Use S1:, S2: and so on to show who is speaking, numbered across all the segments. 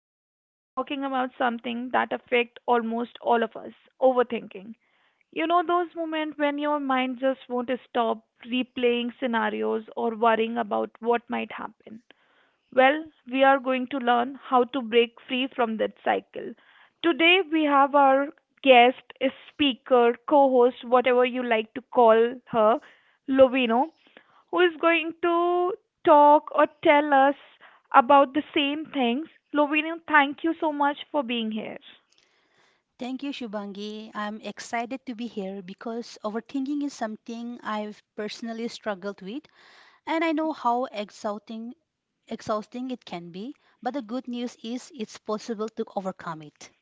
S1: Today we are talking about something that affects almost all of us, overthinking. You know those moments when your mind just won't stop replaying scenarios or worrying about what might happen. Well, we are going to learn how to break free from that cycle. Today we have our guest, speaker, co-host, whatever you like to call her, Lovino who is going to talk or tell us about the same things. Lovino, thank you so much for being here.
S2: Thank you, Shubangi. I'm excited to be here because overthinking is something I've personally struggled with, and I know how exhausting it can be. But the good news is it's possible to overcome it.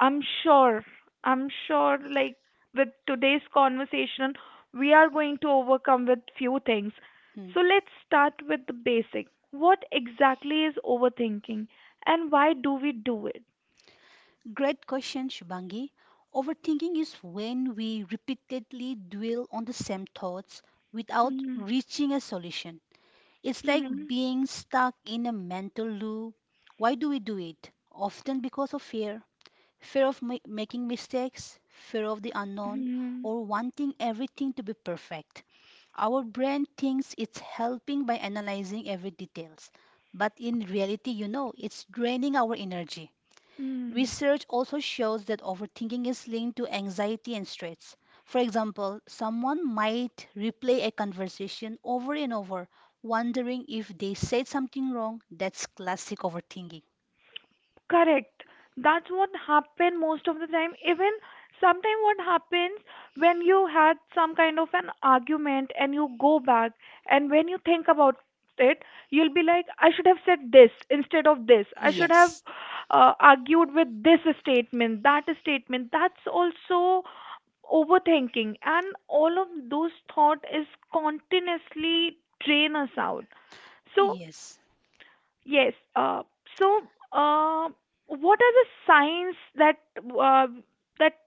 S1: I'm sure, I'm sure, like with today's conversation, we are going to overcome with few things.
S2: Hmm.
S1: So let's start with the basic. What exactly is overthinking and why do we do it?
S2: Great question, Shubangi. Overthinking is when we repeatedly dwell on the same thoughts without
S1: Mm-hmm.
S2: reaching a solution. It's like
S1: Mm-hmm.
S2: being stuck in a mental loop. Why do we do it? Often because of fear of making mistakes, fear of the unknown, or wanting everything to be perfect. Our brain thinks it's helping by analyzing every details, but in reality, it's draining our energy.
S1: Mm-hmm.
S2: Research also shows that overthinking is linked to anxiety and stress. For example, someone might replay a conversation over and over, wondering if they said something wrong. That's classic overthinking.
S1: Correct. That's what happen most of the time. Even sometimes, what happens when you had some kind of an argument and you go back and when you think about it, you'll be like, I should have said this instead of this. I should have
S2: Yes.
S1: argued with this statement, that statement. That's also overthinking, and all of those thought is continuously drain us out. So
S2: Yes.
S1: yes. So, what are the signs uh, that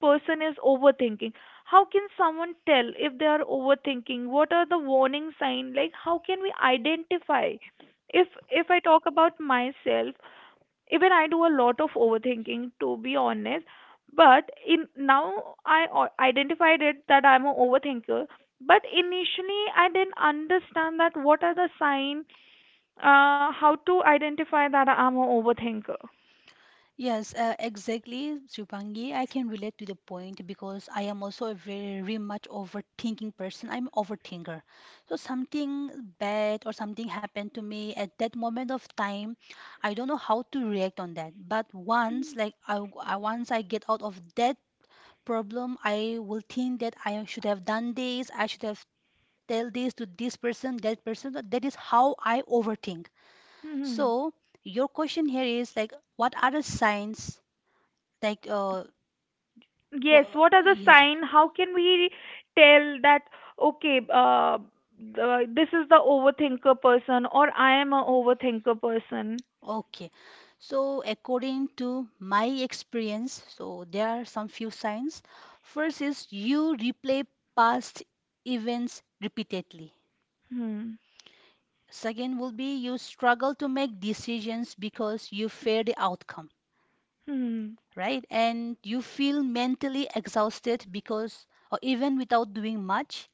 S1: person is overthinking? How can someone tell if they are overthinking? What are the warning signs? Like, how can we identify? If I talk about myself, even I do a lot of overthinking, to be honest. But in now I identified it that I'm an overthinker. But initially, I didn't understand that what are the signs, how to identify that I'm an overthinker?
S2: Yes, exactly, Shubhangi. I can relate to the point because I am also a very much overthinking person. I'm overthinker. So something bad or something happened to me at that moment of time, I don't know how to react on that. But once, like I once I get out of that problem, I will think that I should have done this. I should have tell this to this person. That is how I overthink.
S1: Hmm.
S2: So your question here is like, what are the signs? Like,
S1: Yes,
S2: wha-
S1: what are the
S2: yes,
S1: sign? How can we tell that, okay, this is the overthinker person or I am a overthinker person?
S2: okay. So, according to my experience, so there are some few signs. First is you replay past events repeatedly.
S1: Hmm.
S2: Second will be you struggle to make decisions because you fear the outcome,
S1: Hmm.
S2: right? And you feel mentally exhausted because, or even without doing much,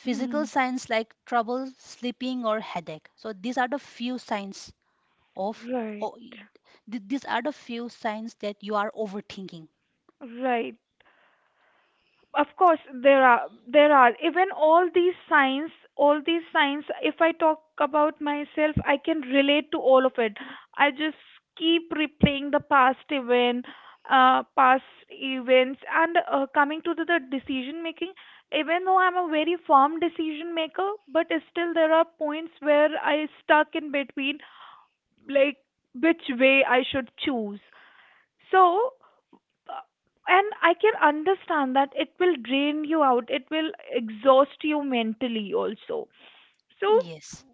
S1: Hmm.
S2: signs like trouble sleeping or headache. So these are the few signs of
S1: Right.
S2: o- these are the few signs that you are overthinking.
S1: Right. Of course, there are even all these signs. If I talk about myself, I can relate to all of it. I just keep replaying the past events, and coming to the decision making. Even though I'm a very firm decision maker, but still there are points where I stuck in between, like which way I should choose. So uh, and I can understand that it will drain you out, it will exhaust you mentally also. So
S2: Yes.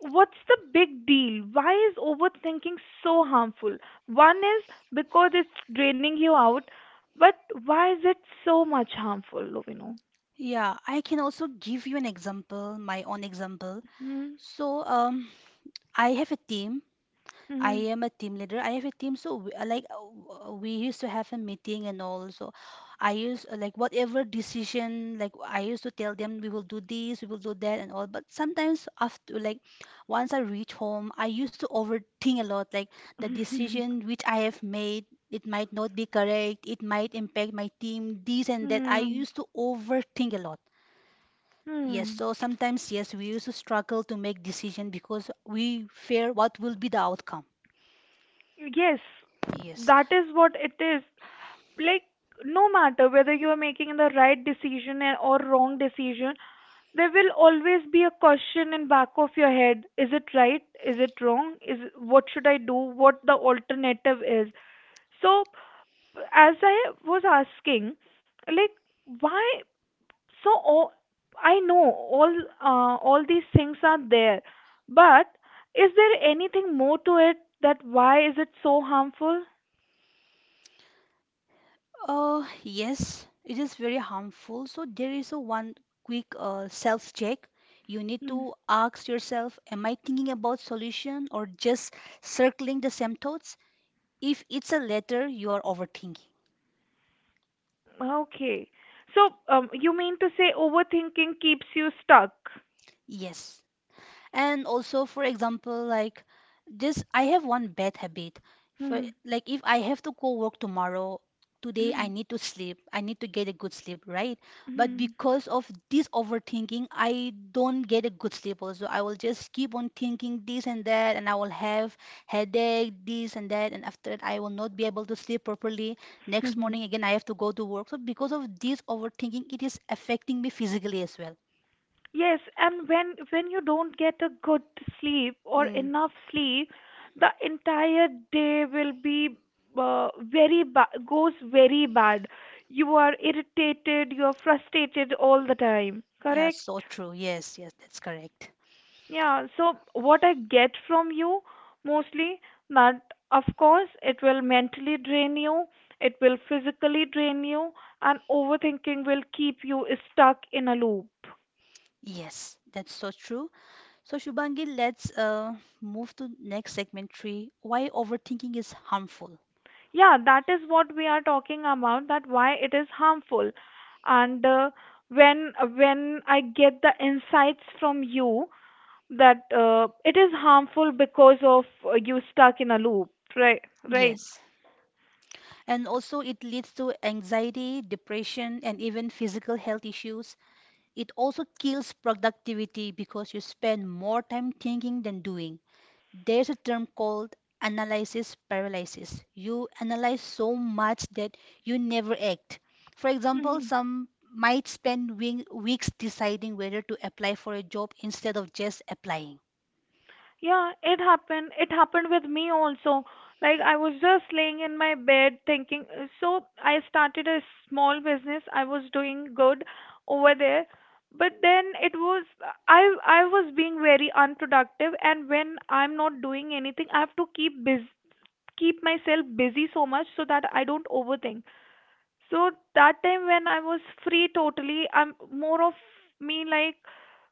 S1: what's the big deal? Why is overthinking so harmful? One is because it's draining you out, but why is it so much harmful, Lovino?
S2: Yeah, I can also give you an example, my own example.
S1: Hmm.
S2: So I have a team.
S1: Hmm.
S2: I am a team leader. I have a team, so we, like we used to have a meeting and all. So I used like whatever decision, like I used to tell them we will do this, we will do that, and all. But sometimes after like once I reach home, I used to overthink a lot. Like the
S1: Hmm.
S2: decision which I have made, it might not be correct. It might impact my team, this and that. I
S1: Hmm.
S2: used to overthink a lot. Yes,
S1: Hmm.
S2: so sometimes yes, we used to struggle to make decision because we fear what will be the outcome.
S1: Yes,
S2: Yes.
S1: that is what it is. Like, no matter whether you are making the right decision or wrong decision, there will always be a question in back of your head. Is it right? Is it wrong? Is what should I do? What the alternative is? So as I was asking, like, why? So I know all these things are there, but is there anything more to it that why is it so harmful?
S2: Yes, it is very harmful. So there is a one quick self-check. You need
S1: Hmm,
S2: to ask yourself, am I thinking about solution or just circling the same thoughts? If it's a letter, you are overthinking.
S1: okay, so you mean to say overthinking keeps you stuck.
S2: Yes. And also, for example, like this, I have one bad habit. For
S1: Hmm,
S2: like, if I have to go work tomorrow, today I need to sleep. I need to get a good sleep, right? But
S1: hmm,
S2: because of this overthinking, I don't get a good sleep. Also, I will just keep on thinking this and that, and I will have headache, this and that, and after that, I will not be able to sleep properly. Next morning
S1: hmm.
S2: again, I have to go to work. So because of this overthinking, it is affecting me physically as well.
S1: Yes, and when you don't get a good sleep or
S2: Mm.
S1: enough sleep, the entire day will be very ba- goes very bad. You are irritated, you are frustrated all the time.
S2: Yeah, so
S1: Correct?
S2: true. Yes, yes, that's correct.
S1: Yeah, so what I get from you mostly that of course it will mentally drain you, it will physically drain you, and overthinking will keep you stuck in a loop.
S2: Yes, that's so true. So Shubhangi, let's move to next segment three. Why overthinking is harmful.
S1: Yeah, that is what we are talking about, that why it is harmful. And when I get the insights from you that it is harmful because of you stuck in a loop. Right. Right.
S2: Yes. And also it leads to anxiety, depression, and even physical health issues. It also kills productivity because you spend more time thinking than doing. There's a term called analysis paralysis. You analyze so much that you never act. For example, some might spend weeks deciding whether to apply for a job instead of just applying.
S1: Yeah, it happened. It happened with me also. Like, I was just laying in my bed thinking. So, I started a small business. I was doing good over there. But then it was I was being very unproductive, and when I'm not doing anything, I have to keep myself busy so much so that I don't overthink. So that time when I was free totally, I'm more of me like,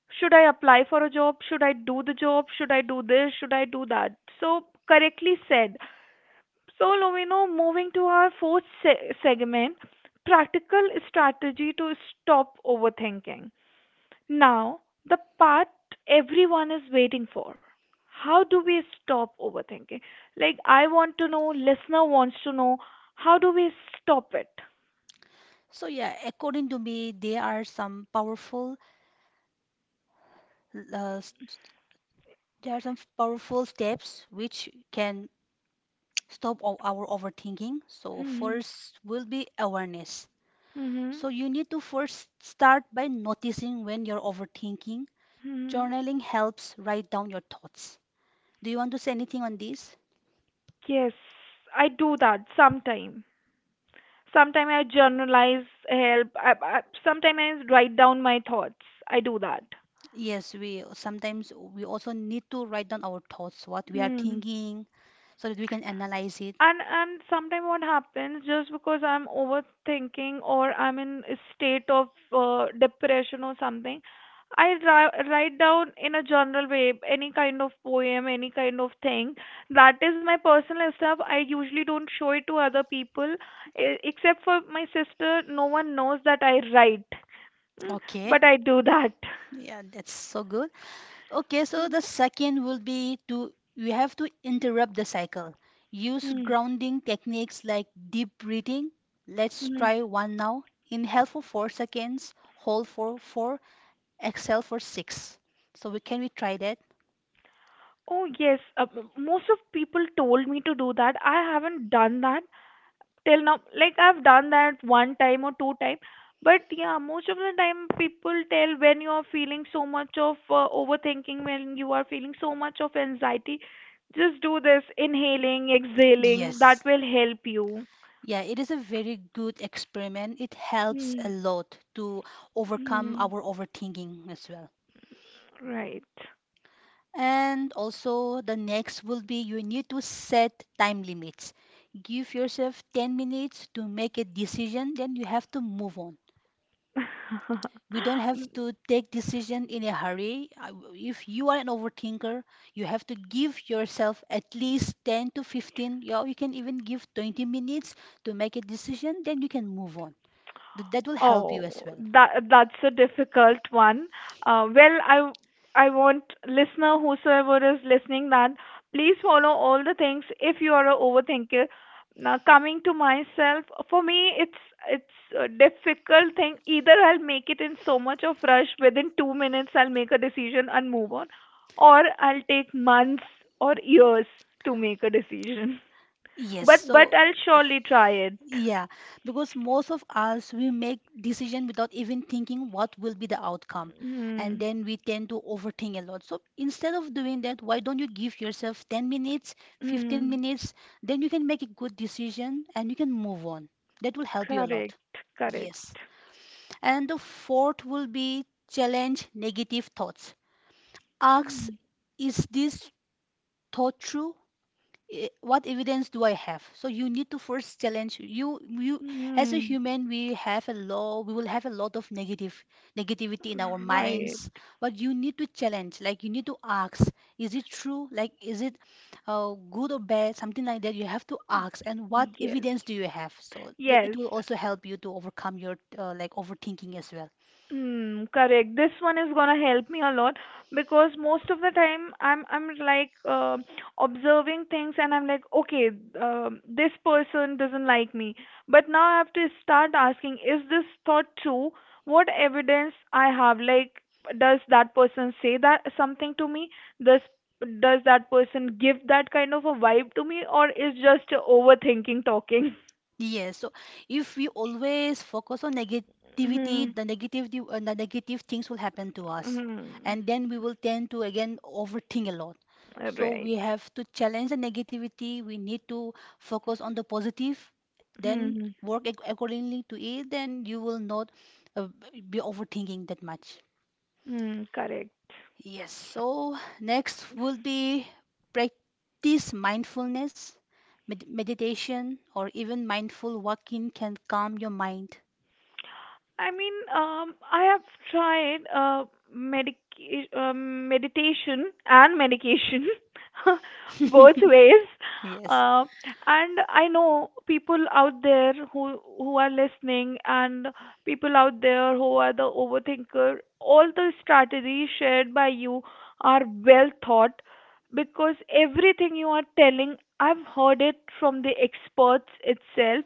S1: should I apply for a job? Should I do the job? Should I do this? Should I do that? So correctly said. So Lomino, moving to our fourth segment, practical strategy to stop overthinking. Now, the part everyone is waiting for. How do we stop overthinking? Like I want to know, listener wants to know, how do we stop it?
S2: So yeah, according to me, there are some powerful uh, s- there are some powerful steps which can stop our overthinking.
S1: Hmm,
S2: So
S1: hmm.
S2: first will be awareness.
S1: Mm-hmm.
S2: So you need to first start by noticing when you're overthinking.
S1: Hmm.
S2: Journaling helps write down your thoughts. Do you want to say anything on this?
S1: Yes, I do that sometime. Sometime I journalize help. Sometime I write down my thoughts. I do that.
S2: Yes, we sometimes we also need to write down our thoughts, what we are
S1: Mm.
S2: thinking, so that we can analyze it.
S1: And sometimes what happens, just because I'm overthinking or I'm in a state of depression or something, I write down in a general way any kind of poem, any kind of thing. That is my personal stuff. I usually don't show it to other people, except for my sister. No one knows that I write. Mm,
S2: Okay.
S1: but I do that.
S2: Yeah, that's so good. Okay, so the
S1: Mm,
S2: second will be to we have to interrupt the cycle. Use
S1: mm,
S2: grounding techniques like deep breathing. Let's
S1: mm.
S2: try one now. Inhale for 4 seconds, hold for 4, exhale for 6. So we can we try that?
S1: Oh, yes. Most of people told me to do that. I haven't done that till now, like I've done that one time or two time. But yeah, most of the time people tell when you are feeling so much of overthinking, when you are feeling so much of anxiety, just do this inhaling exhaling, that
S2: Yes.
S1: will help you.
S2: Yeah, it is a very good experiment. It helps a
S1: Hmm.
S2: lot to overcome
S1: Hmm.
S2: our overthinking as well.
S1: Right.
S2: And also, the next will be you need to set time limits. Give yourself 10 minutes to make a decision, then you have to move on. We don't have to take decision in a hurry. If you are an overthinker, you have to give yourself at least 10 to 15, yeah, you can even give 20 minutes to make a decision, then you can move on. That will help you as
S1: Oh,
S2: well.
S1: that's a difficult one. Well, I want listener whosoever is listening that please follow all the things if you are a overthinker. Now, coming to myself, for me, it's a difficult thing. Either I'll make it in so much of rush within 2 minutes, I'll make a decision and move on, or I'll take months or years to make a decision.
S2: Yes,
S1: But
S2: so
S1: I'll surely try it.
S2: yeah, because most of us we make decision without even thinking what will be the outcome, and
S1: Hmm.
S2: then we tend to overthink a lot. So instead of doing that, why don't you give yourself 10 minutes, 15
S1: Hmm.
S2: minutes, then you can make a good decision and you can move on. That will help you a
S1: Correct,
S2: lot.
S1: correct.
S2: Yes. And the fourth will be challenge negative thoughts. Ask,
S1: Hmm.
S2: is this thought true? What evidence do I have? So you need to first challenge you as a
S1: Hmm,
S2: human, we have a law, we will have a lot of negative negativity in our
S1: right.
S2: minds, but you need to challenge, like, you need to ask, is it true? Like, is it good or bad, something like that you have to ask, and what
S1: Yes.
S2: evidence do you have? So it
S1: Yes.
S2: will also help you to overcome your like overthinking as well.
S1: Mm, correct. This one is gonna help me a lot, because most of the time I'm like observing things, and I'm like, okay, this person doesn't like me. But now I have to start asking, is this thought true? What evidence I have? Like, does that person say that something to me? Does does that person give that kind of a vibe to me, or is just overthinking talking?
S2: Yes, so if we always focus on
S1: Hmm.
S2: negativity, the negative things will happen to us,
S1: Hmm.
S2: and then we will tend to again overthink a lot. So
S1: Right.
S2: we have to challenge the negativity. We need to focus on the positive,
S1: Hmm.
S2: then
S1: Hmm.
S2: work accordingly to it. Then you will not uh, be overthinking that much.
S1: Hmm. Correct.
S2: Yes, so next will be practice mindfulness, meditation, or even mindful walking can calm your mind.
S1: I mean, I have tried meditation and medication both ways.
S2: Yes.
S1: Uh, and I know people out there who are listening, and people out there who are the overthinker. All the strategies shared by you are well thought, because everything you are telling, I've heard it from the experts itself.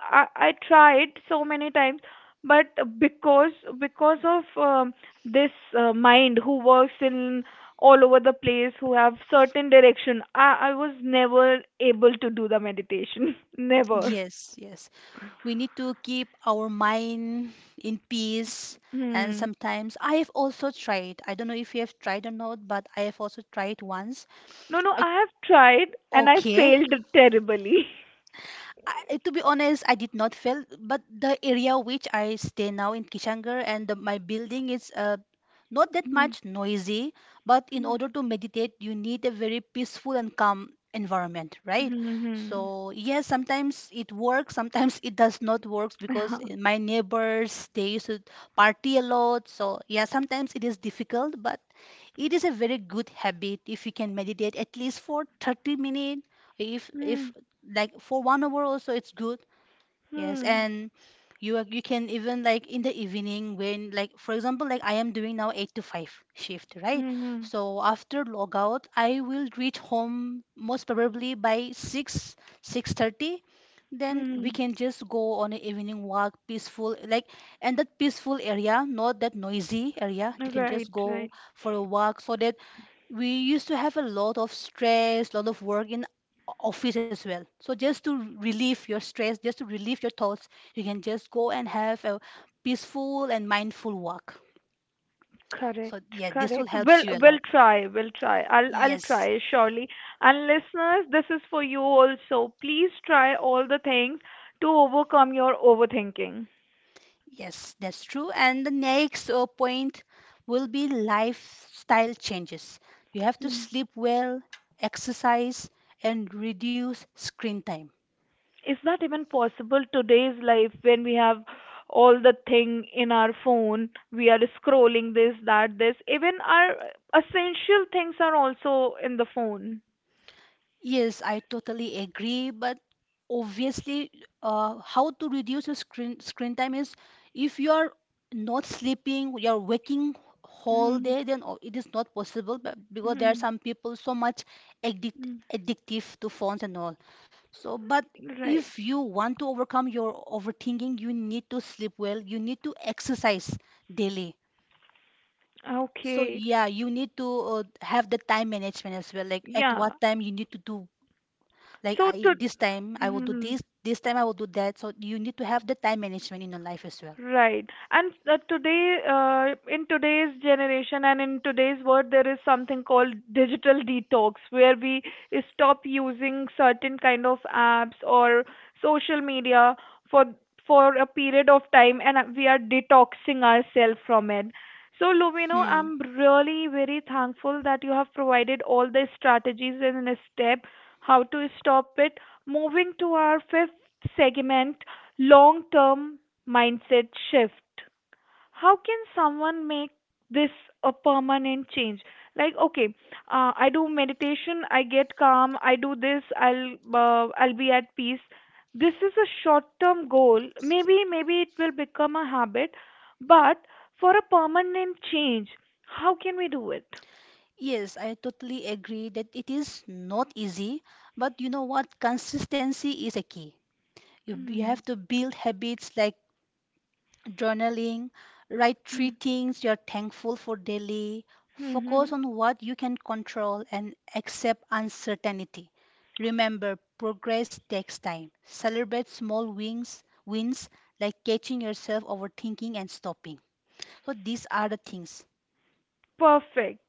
S1: I tried so many times, but because because of this mind who works in all over the place, who have certain direction, I was never able to do the meditation. Never.
S2: Yes, yes. We need to keep our mind in peace. And
S1: Hmm.
S2: sometimes I have also tried, I don't know if you have tried or not, but I have also tried once.
S1: No, no,
S2: Ac-
S1: I have tried and I
S2: Okay,
S1: failed terribly.
S2: I, to be honest, I did not feel. But the area which I stay now in Kishangar and my building is not that
S1: Hmm.
S2: much noisy, but in
S1: Hmm.
S2: order to meditate, you need a very peaceful and calm environment, right?
S1: Hmm.
S2: So, yes, sometimes it works, sometimes it does not work because
S1: Hmm.
S2: my neighbors, they used to party a lot. So, yeah, sometimes it is difficult, but it is a very good habit if you can meditate at least for 30 minutes, if like for 1 hour also it's good. Yes,
S1: Hmm.
S2: and you can even, like, in the evening when, like, for example, like I am doing now 8 to 5 shift, right?
S1: Hmm. Hmm.
S2: So after logout, I will reach home most probably by 6 6:30. Then
S1: Hmm.
S2: we can just go on an evening walk, peaceful like and that peaceful area, not that noisy area. You can
S1: Right,
S2: just
S1: right.
S2: go for a walk so that we used to have a lot of stress, lot of work in office as well. So just to relieve your stress, just to relieve your thoughts, you can just go and have a peaceful and mindful walk. So
S1: Correct,
S2: yeah, this will
S1: correct. We'll
S2: helps you a
S1: we'll
S2: lot.
S1: try, we'll try. I'll
S2: Yes,
S1: try surely. And listeners, this is for you also. Please try all the things to overcome your overthinking.
S2: yes, that's true. And the next point will be lifestyle changes. You have to
S1: Hmm.
S2: sleep well, exercise, and reduce screen time.
S1: Is that even possible today's life when we have all the thing in our phone? We are scrolling this, that, this. Even our essential things are also in the phone.
S2: Yes, I totally agree, but obviously, how to reduce your screen time is if you are not sleeping, you are waking whole
S1: Hmm.
S2: day, then it is not possible. But because there are
S1: Hmm.
S2: some people so much addic-
S1: Hmm.
S2: addictive to phones and all. So, but
S1: Right.
S2: if you want to overcome your overthinking, you need to sleep well. You need to exercise daily. So
S1: Okay.
S2: yeah, you need to have the time management as well. Like at what
S1: Yeah.
S2: time you need to do, like
S1: So
S2: I
S1: to.
S2: this time I will do
S1: Hmm.
S2: this, this time I will do that. So you need to have the time management in your life as well.
S1: Right. And today, in today's generation and in today's world, there is something called digital detox, where we stop using certain kind of apps or social media for a period of time, and we are detoxing ourselves from it. So, Lumino,
S2: Hmm.
S1: I'm really very thankful that you have provided all the strategies in a step how to stop it. Moving to our fifth segment, long term mindset shift, how can someone make this a permanent change? Like, okay, I do meditation, I get calm, I do this, I'll be at peace. This is a short term goal, maybe it will become a habit, but for a permanent change, how can we do it?
S2: Yes, I totally agree that it is not easy, but you know what? Consistency is a key. You
S1: Mm-hmm.
S2: have to build habits like journaling, write three things you're thankful for daily, focus on what you can control, and accept uncertainty. Remember, progress takes time. Celebrate small wins like catching yourself overthinking and stopping. So these are the things.
S1: Perfect.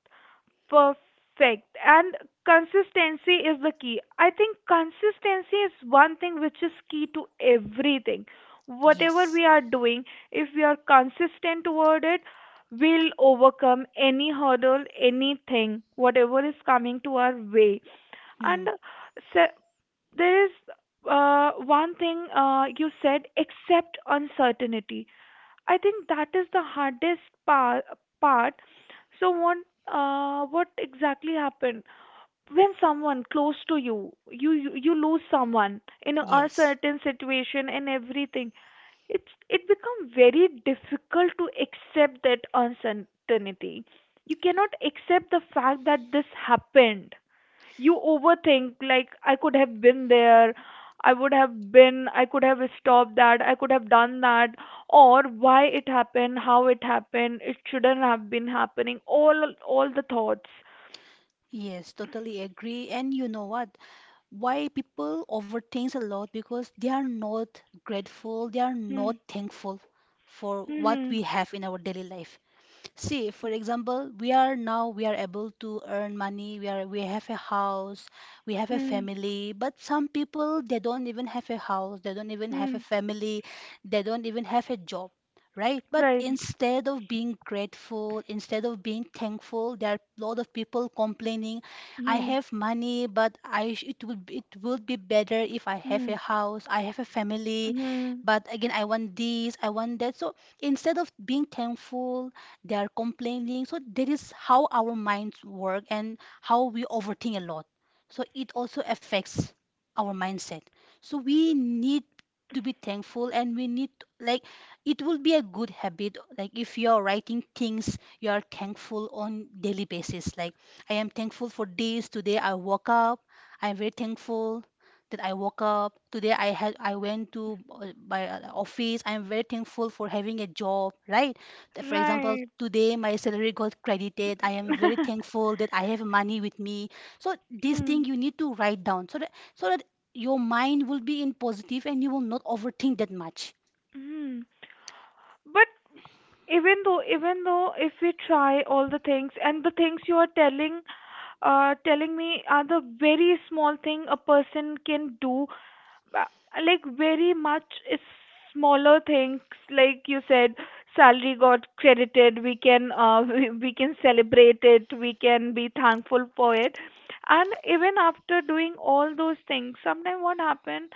S1: Perfect. And consistency is the key. I think consistency is one thing which is key to everything. Whatever
S2: Yes.
S1: we are doing, if we are consistent toward it, we'll overcome any hurdle, anything, whatever is coming to our way.
S2: Hmm.
S1: And se- there is one thing you said, accept uncertainty. I think that is the hardest part. So what exactly happened when someone close to you, you lose someone in a
S2: Yes.
S1: certain situation and everything. It's it become very difficult to accept that uncertainty. You cannot accept the fact that this happened, you overthink, like I could have been there, I would have been, I could have stopped that, I could have done that, or why it happened, how it happened, it shouldn't have been happening, all the thoughts.
S2: Yes, totally agree. And you know what? Why people overthinks a lot? Because they are not grateful, they are
S1: Hmm.
S2: not thankful for what
S1: Hmm.
S2: we have in our daily life. See, for example, we are now we are able to earn money, we have a house, we have a
S1: Hmm.
S2: family, but some people they don't even have a house, they don't even have
S1: Hmm.
S2: a family, they don't even have a job, right?
S1: Hmm,
S2: But
S1: right.
S2: instead of being grateful, instead of being thankful, there are a lot of people complaining, I
S1: Hmm.
S2: have money, but it would it would be better if I have
S1: Hmm.
S2: a house, I have a family,
S1: Hmm.
S2: but again I want this, I want that. So instead of being thankful they are complaining, so there is how our minds work and how we overthink a lot, so it also affects our mindset. So we need to be thankful and we need to, like, it will be a good habit like if you're writing things you are thankful on daily basis, like I am thankful for this. Today I woke up. I am very thankful that I woke up today. I went to my office. I'm very thankful for having a job, right? For example,
S1: Right.
S2: today my salary got credited, I am very thankful that I have money with me. So this thing
S1: Hmm.
S2: you need to write down so that your mind will be in positive and you will not overthink that much.
S1: Hmm. But even though if we try all the things, and the things you are telling, telling me, are the very small thing a person can do, uh, like, very much is smaller things, like you said, salary got credited, we can we can celebrate it, we can be thankful for it. And even after doing all those things, sometimes what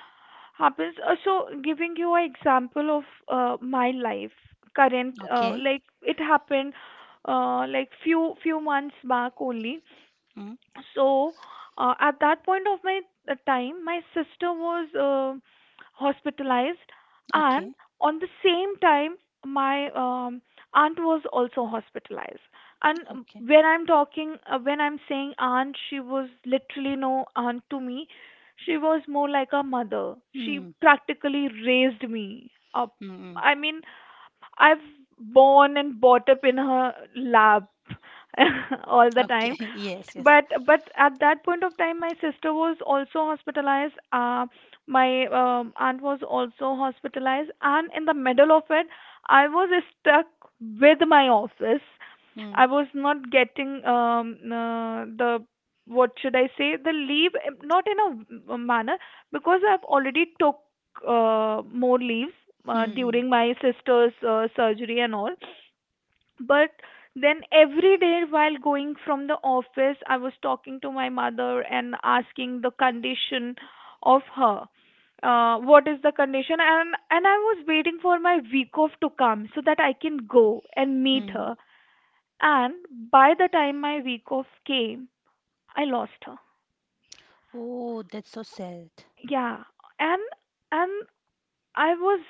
S1: happens. So, giving you an example of my life, current,
S2: Okay.
S1: like it happened, like few months back only.
S2: Mm.
S1: So at that point of my time, my sister was hospitalized, and
S2: Okay.
S1: on the same time my aunt was also hospitalized. And
S2: Okay.
S1: when I'm talking when I'm saying aunt, she was literally no aunt to me. She was more like a mother. She
S2: Mm.
S1: practically raised me up.
S2: Mm. Mm.
S1: I mean, I've born and brought up in her lap all the time.
S2: Okay. Yes, yes.
S1: But at that point of time, my sister was also hospitalized, my aunt was also hospitalized, and in the middle of it, I was stuck with my office. I
S2: Mm.
S1: was not getting the, what should I say, the leave, not in a manner, because I've already took more leaves
S2: Mm. Mm.
S1: during my sister's surgery and all. But then, every day while going from the office, I was talking to my mother and asking the condition of her. What is the condition? And I was waiting for my week off to come so that I can go and meet
S2: Mm.
S1: her. And by the time my week off came, I lost her.
S2: Oh, that's so sad.
S1: Yeah, and and I was,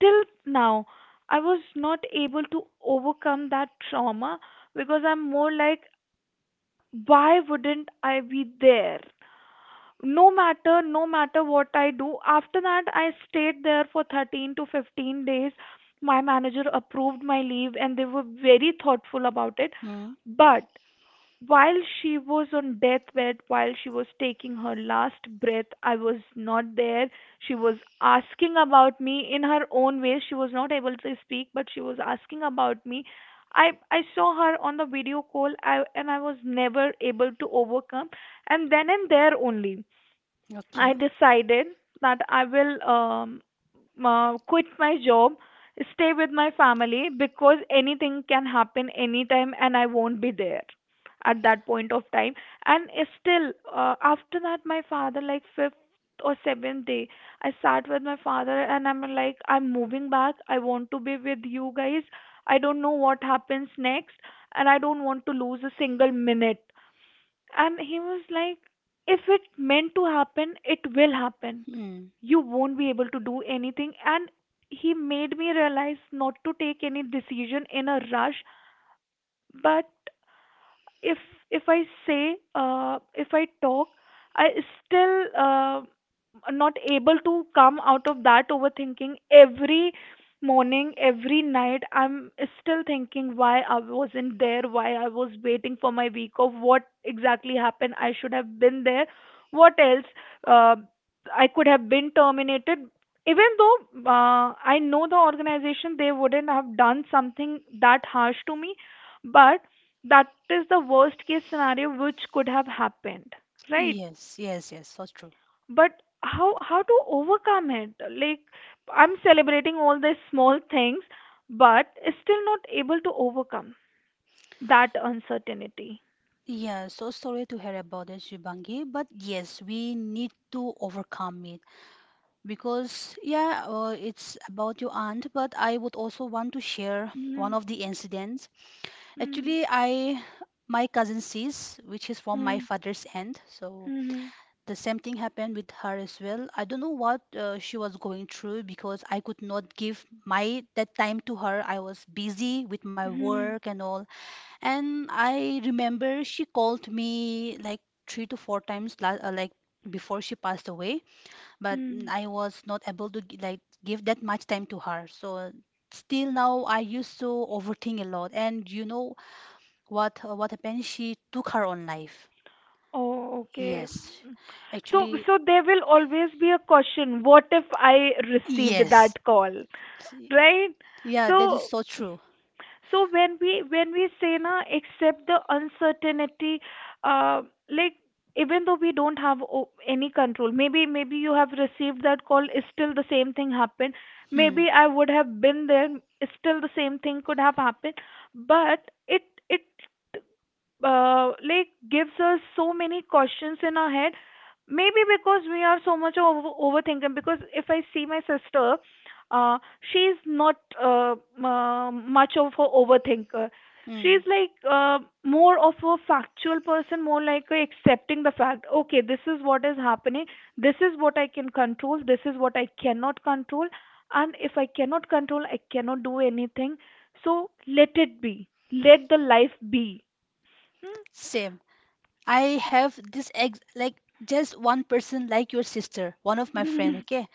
S1: till now I was not able to overcome that trauma, because I'm more like, why wouldn't I be there? No matter, no matter what I do, after that I stayed there for 13 to 15 days. My manager approved my leave and they were very thoughtful about it.
S2: Mm.
S1: But while she was on deathbed, while she was taking her last breath, I was not there. She was asking about me in her own way. She was not able to speak, but she was asking about me. I saw her on the video call, and I was never able to overcome. And then and there only, I
S2: Okay.
S1: decided that I will quit my job, stay with my family, because anything can happen anytime and I won't be there at that point of time. And still, after that, my father, like fifth or seventh day, I sat with my father and I'm like, I'm moving back. I want to be with you guys. I don't know what happens next, and I don't want to lose a single minute. And he was like, if it meant to happen, it will happen.
S2: Mm.
S1: You won't be able to do anything. And he made me realize not to take any decision in a rush. But if if I say, if I talk, I still not able to come out of that overthinking. Every morning, every night, I'm still thinking, why I wasn't there, why I was waiting for my week off, what exactly happened, I should have been there, what else, uh, I could have been terminated, even though I know the organization, they wouldn't have done something that harsh to me. But that is the worst case scenario which could have happened, right?
S2: Yes, yes, yes, so true.
S1: But how to overcome it, like, I'm celebrating all these small things, but still not able to overcome that uncertainty.
S2: Yeah, so sorry to hear about it, Shibangi, but yes, we need to overcome it because, yeah, it's about your aunt, but I would also want to share one
S1: Mm.
S2: of the incidents.
S1: Mm.
S2: Actually, my cousin sis, which is from my
S1: Mm.
S2: father's end, so
S1: Mm.
S2: the same thing happened with her as well. I don't know what she was going through because I could not give my that time to her. I was busy with my
S1: Mm.
S2: work and all, and I remember she called me like three to four times, like before she passed away. But mm,
S1: Mm.
S2: I was not able to like give that much time to her. So still now I used to overthink a lot. And you know what, what happened? She took her own life.
S1: Oh, okay.
S2: Yes,
S1: so
S2: actually,
S1: so there will always be a question, what if I received
S2: yes.
S1: that call,
S2: S-
S1: right?
S2: Yeah, that is
S1: So,
S2: so true.
S1: so when we say na, accept the uncertainty, uh, like, even though we don't have any control, maybe, maybe you have received that call, still the same thing happened,
S2: Hmm.
S1: maybe I would have been there, still the same thing could have happened. But it like gives us so many questions in our head. Maybe because we are so much overthinking. Because if I see my sister, uh, she's not much of a overthinker. She's
S2: Hmm.
S1: like more of a factual person, more like a accepting the fact. Okay, this is what is happening. This is what I can control. This is what I cannot control. And if I cannot control, I cannot do anything. So let it be. Let the life be.
S2: Same. I have this ex like just one person like your sister, one of my friend.
S1: Hmm?
S2: Okay,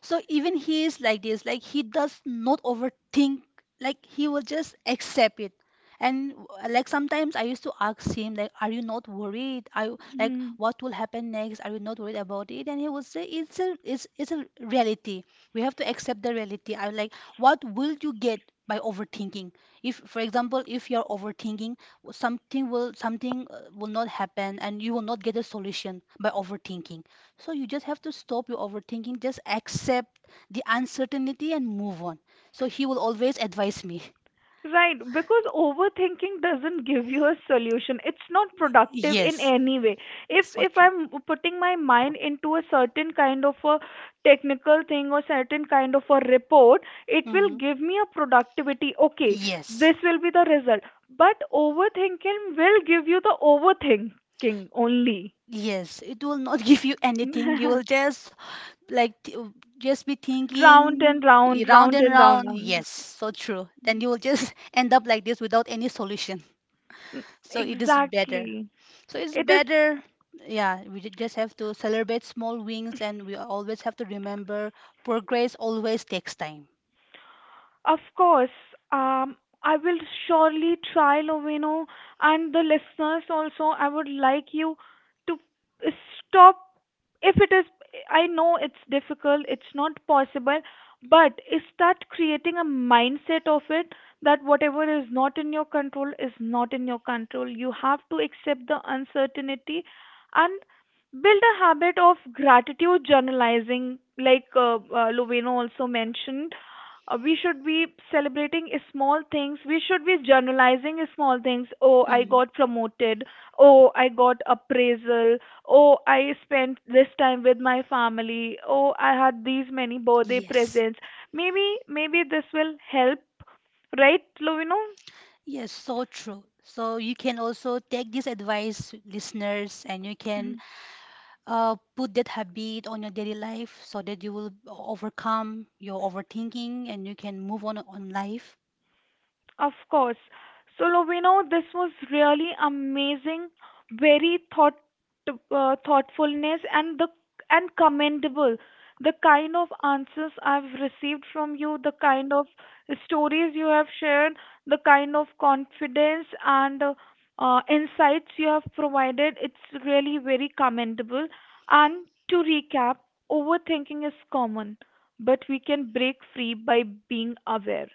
S2: so even he is like this, like he does not overthink, like he will just accept it. And like sometimes I used to ask him, like, are you not worried? Are you, like, what will happen next? Are you not worried about it? And he would say, it's a reality. We have to accept the reality. I'm like, what will you get by overthinking? If, for example, if you're overthinking, something will, something will not happen, and you will not get a solution by overthinking, so you just have to stop your overthinking, just accept the uncertainty and move on. So he will always advise me.
S1: Right, because overthinking doesn't give you a solution. It's not productive in
S2: Yes,
S1: any way. If
S2: so
S1: if
S2: true.
S1: I'm putting my mind into a certain kind of a technical thing or certain kind of a report, it will
S2: Hmm.
S1: give me a productivity. Okay,
S2: Yes,
S1: this will be the result. But overthinking will give you the overthinking only.
S2: yes, it will not give you anything. You will just like t- just be
S1: Round
S2: thinking
S1: and round,
S2: round
S1: round
S2: and
S1: and round,
S2: round.
S1: round.
S2: Yes, so true. Then you will just end up like this without any solution.
S1: Mm.
S2: So it is better.
S1: Exactly.
S2: So it's
S1: It is.
S2: better. Yeah, we just have to celebrate small wins and we always have to remember progress always takes time.
S1: Of course, um, I will surely try, Lovino, and the listeners also. I would like you to stop, if it is. I know it's difficult, it's not possible, but start creating a mindset of it, that whatever is not in your control is not in your control. You have to accept the uncertainty and build a habit of gratitude journalizing, like Lovino also mentioned. We should be celebrating small things, we should be journalizing small things. Oh, I
S2: Mm,
S1: got promoted, oh I got appraisal, oh I spent this time with my family, oh I had these many birthday
S2: yes.
S1: presents. Maybe, maybe this will help, right, Lovino?
S2: Yes, so true. So you can also take this advice, listeners, and you
S1: Mm-hmm.
S2: can put that habit on your daily life so that you will overcome your overthinking and you can move on life.
S1: Of course. So, Lovino, this was really amazing, very thoughtfulness and commendable. The kind of answers I've received from you, the kind of stories you have shared, the kind of confidence and insights you have provided, it's really very commendable. And to recap, overthinking is common, but we can break free by being aware,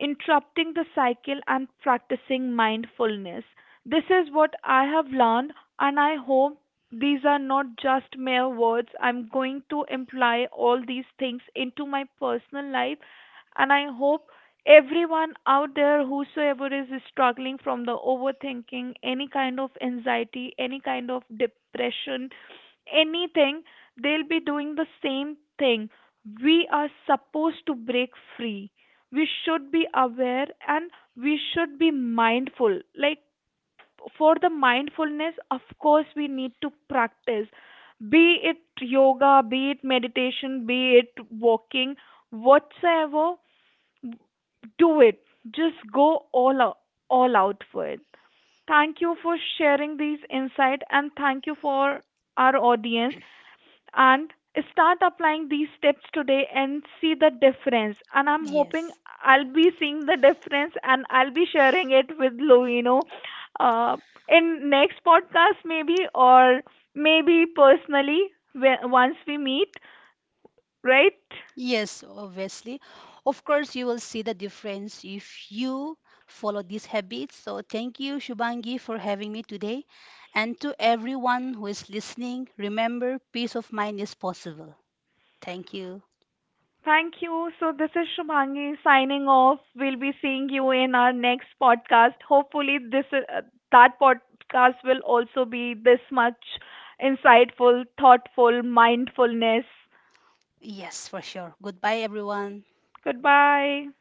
S1: interrupting the cycle, and practicing mindfulness. This is what I have learned, and I hope these are not just mere words. I'm going to imply all these things into my personal life, and I hope everyone out there, whosoever is struggling from the overthinking, any kind of anxiety, any kind of depression, anything, they'll be doing the same thing. We are supposed to break free, we should be aware and we should be mindful. Like, for the mindfulness, of course, we need to practice, be it yoga, be it meditation, be it walking, whatsoever, do it, just go all out, all out for it. Thank you for sharing these insight, and thank you for our audience, and start applying these tips today and see the difference, and I'm hoping
S2: Yes.
S1: I'll be seeing the difference and I'll be sharing it with Lovino, uh, in next podcast, maybe, or maybe personally, once we meet, right?
S2: Yes, obviously. Of course, you will see the difference if you follow these habits. So, thank you, Shubangi, for having me today. And to everyone who is listening, remember peace of mind is possible. Thank you.
S1: Thank you. So, this is Shubhangi signing off. We'll be seeing you in our next podcast. Hopefully, this that podcast will also be this much insightful, thoughtful, mindfulness.
S2: Yes, for sure. Goodbye, everyone.
S1: Goodbye.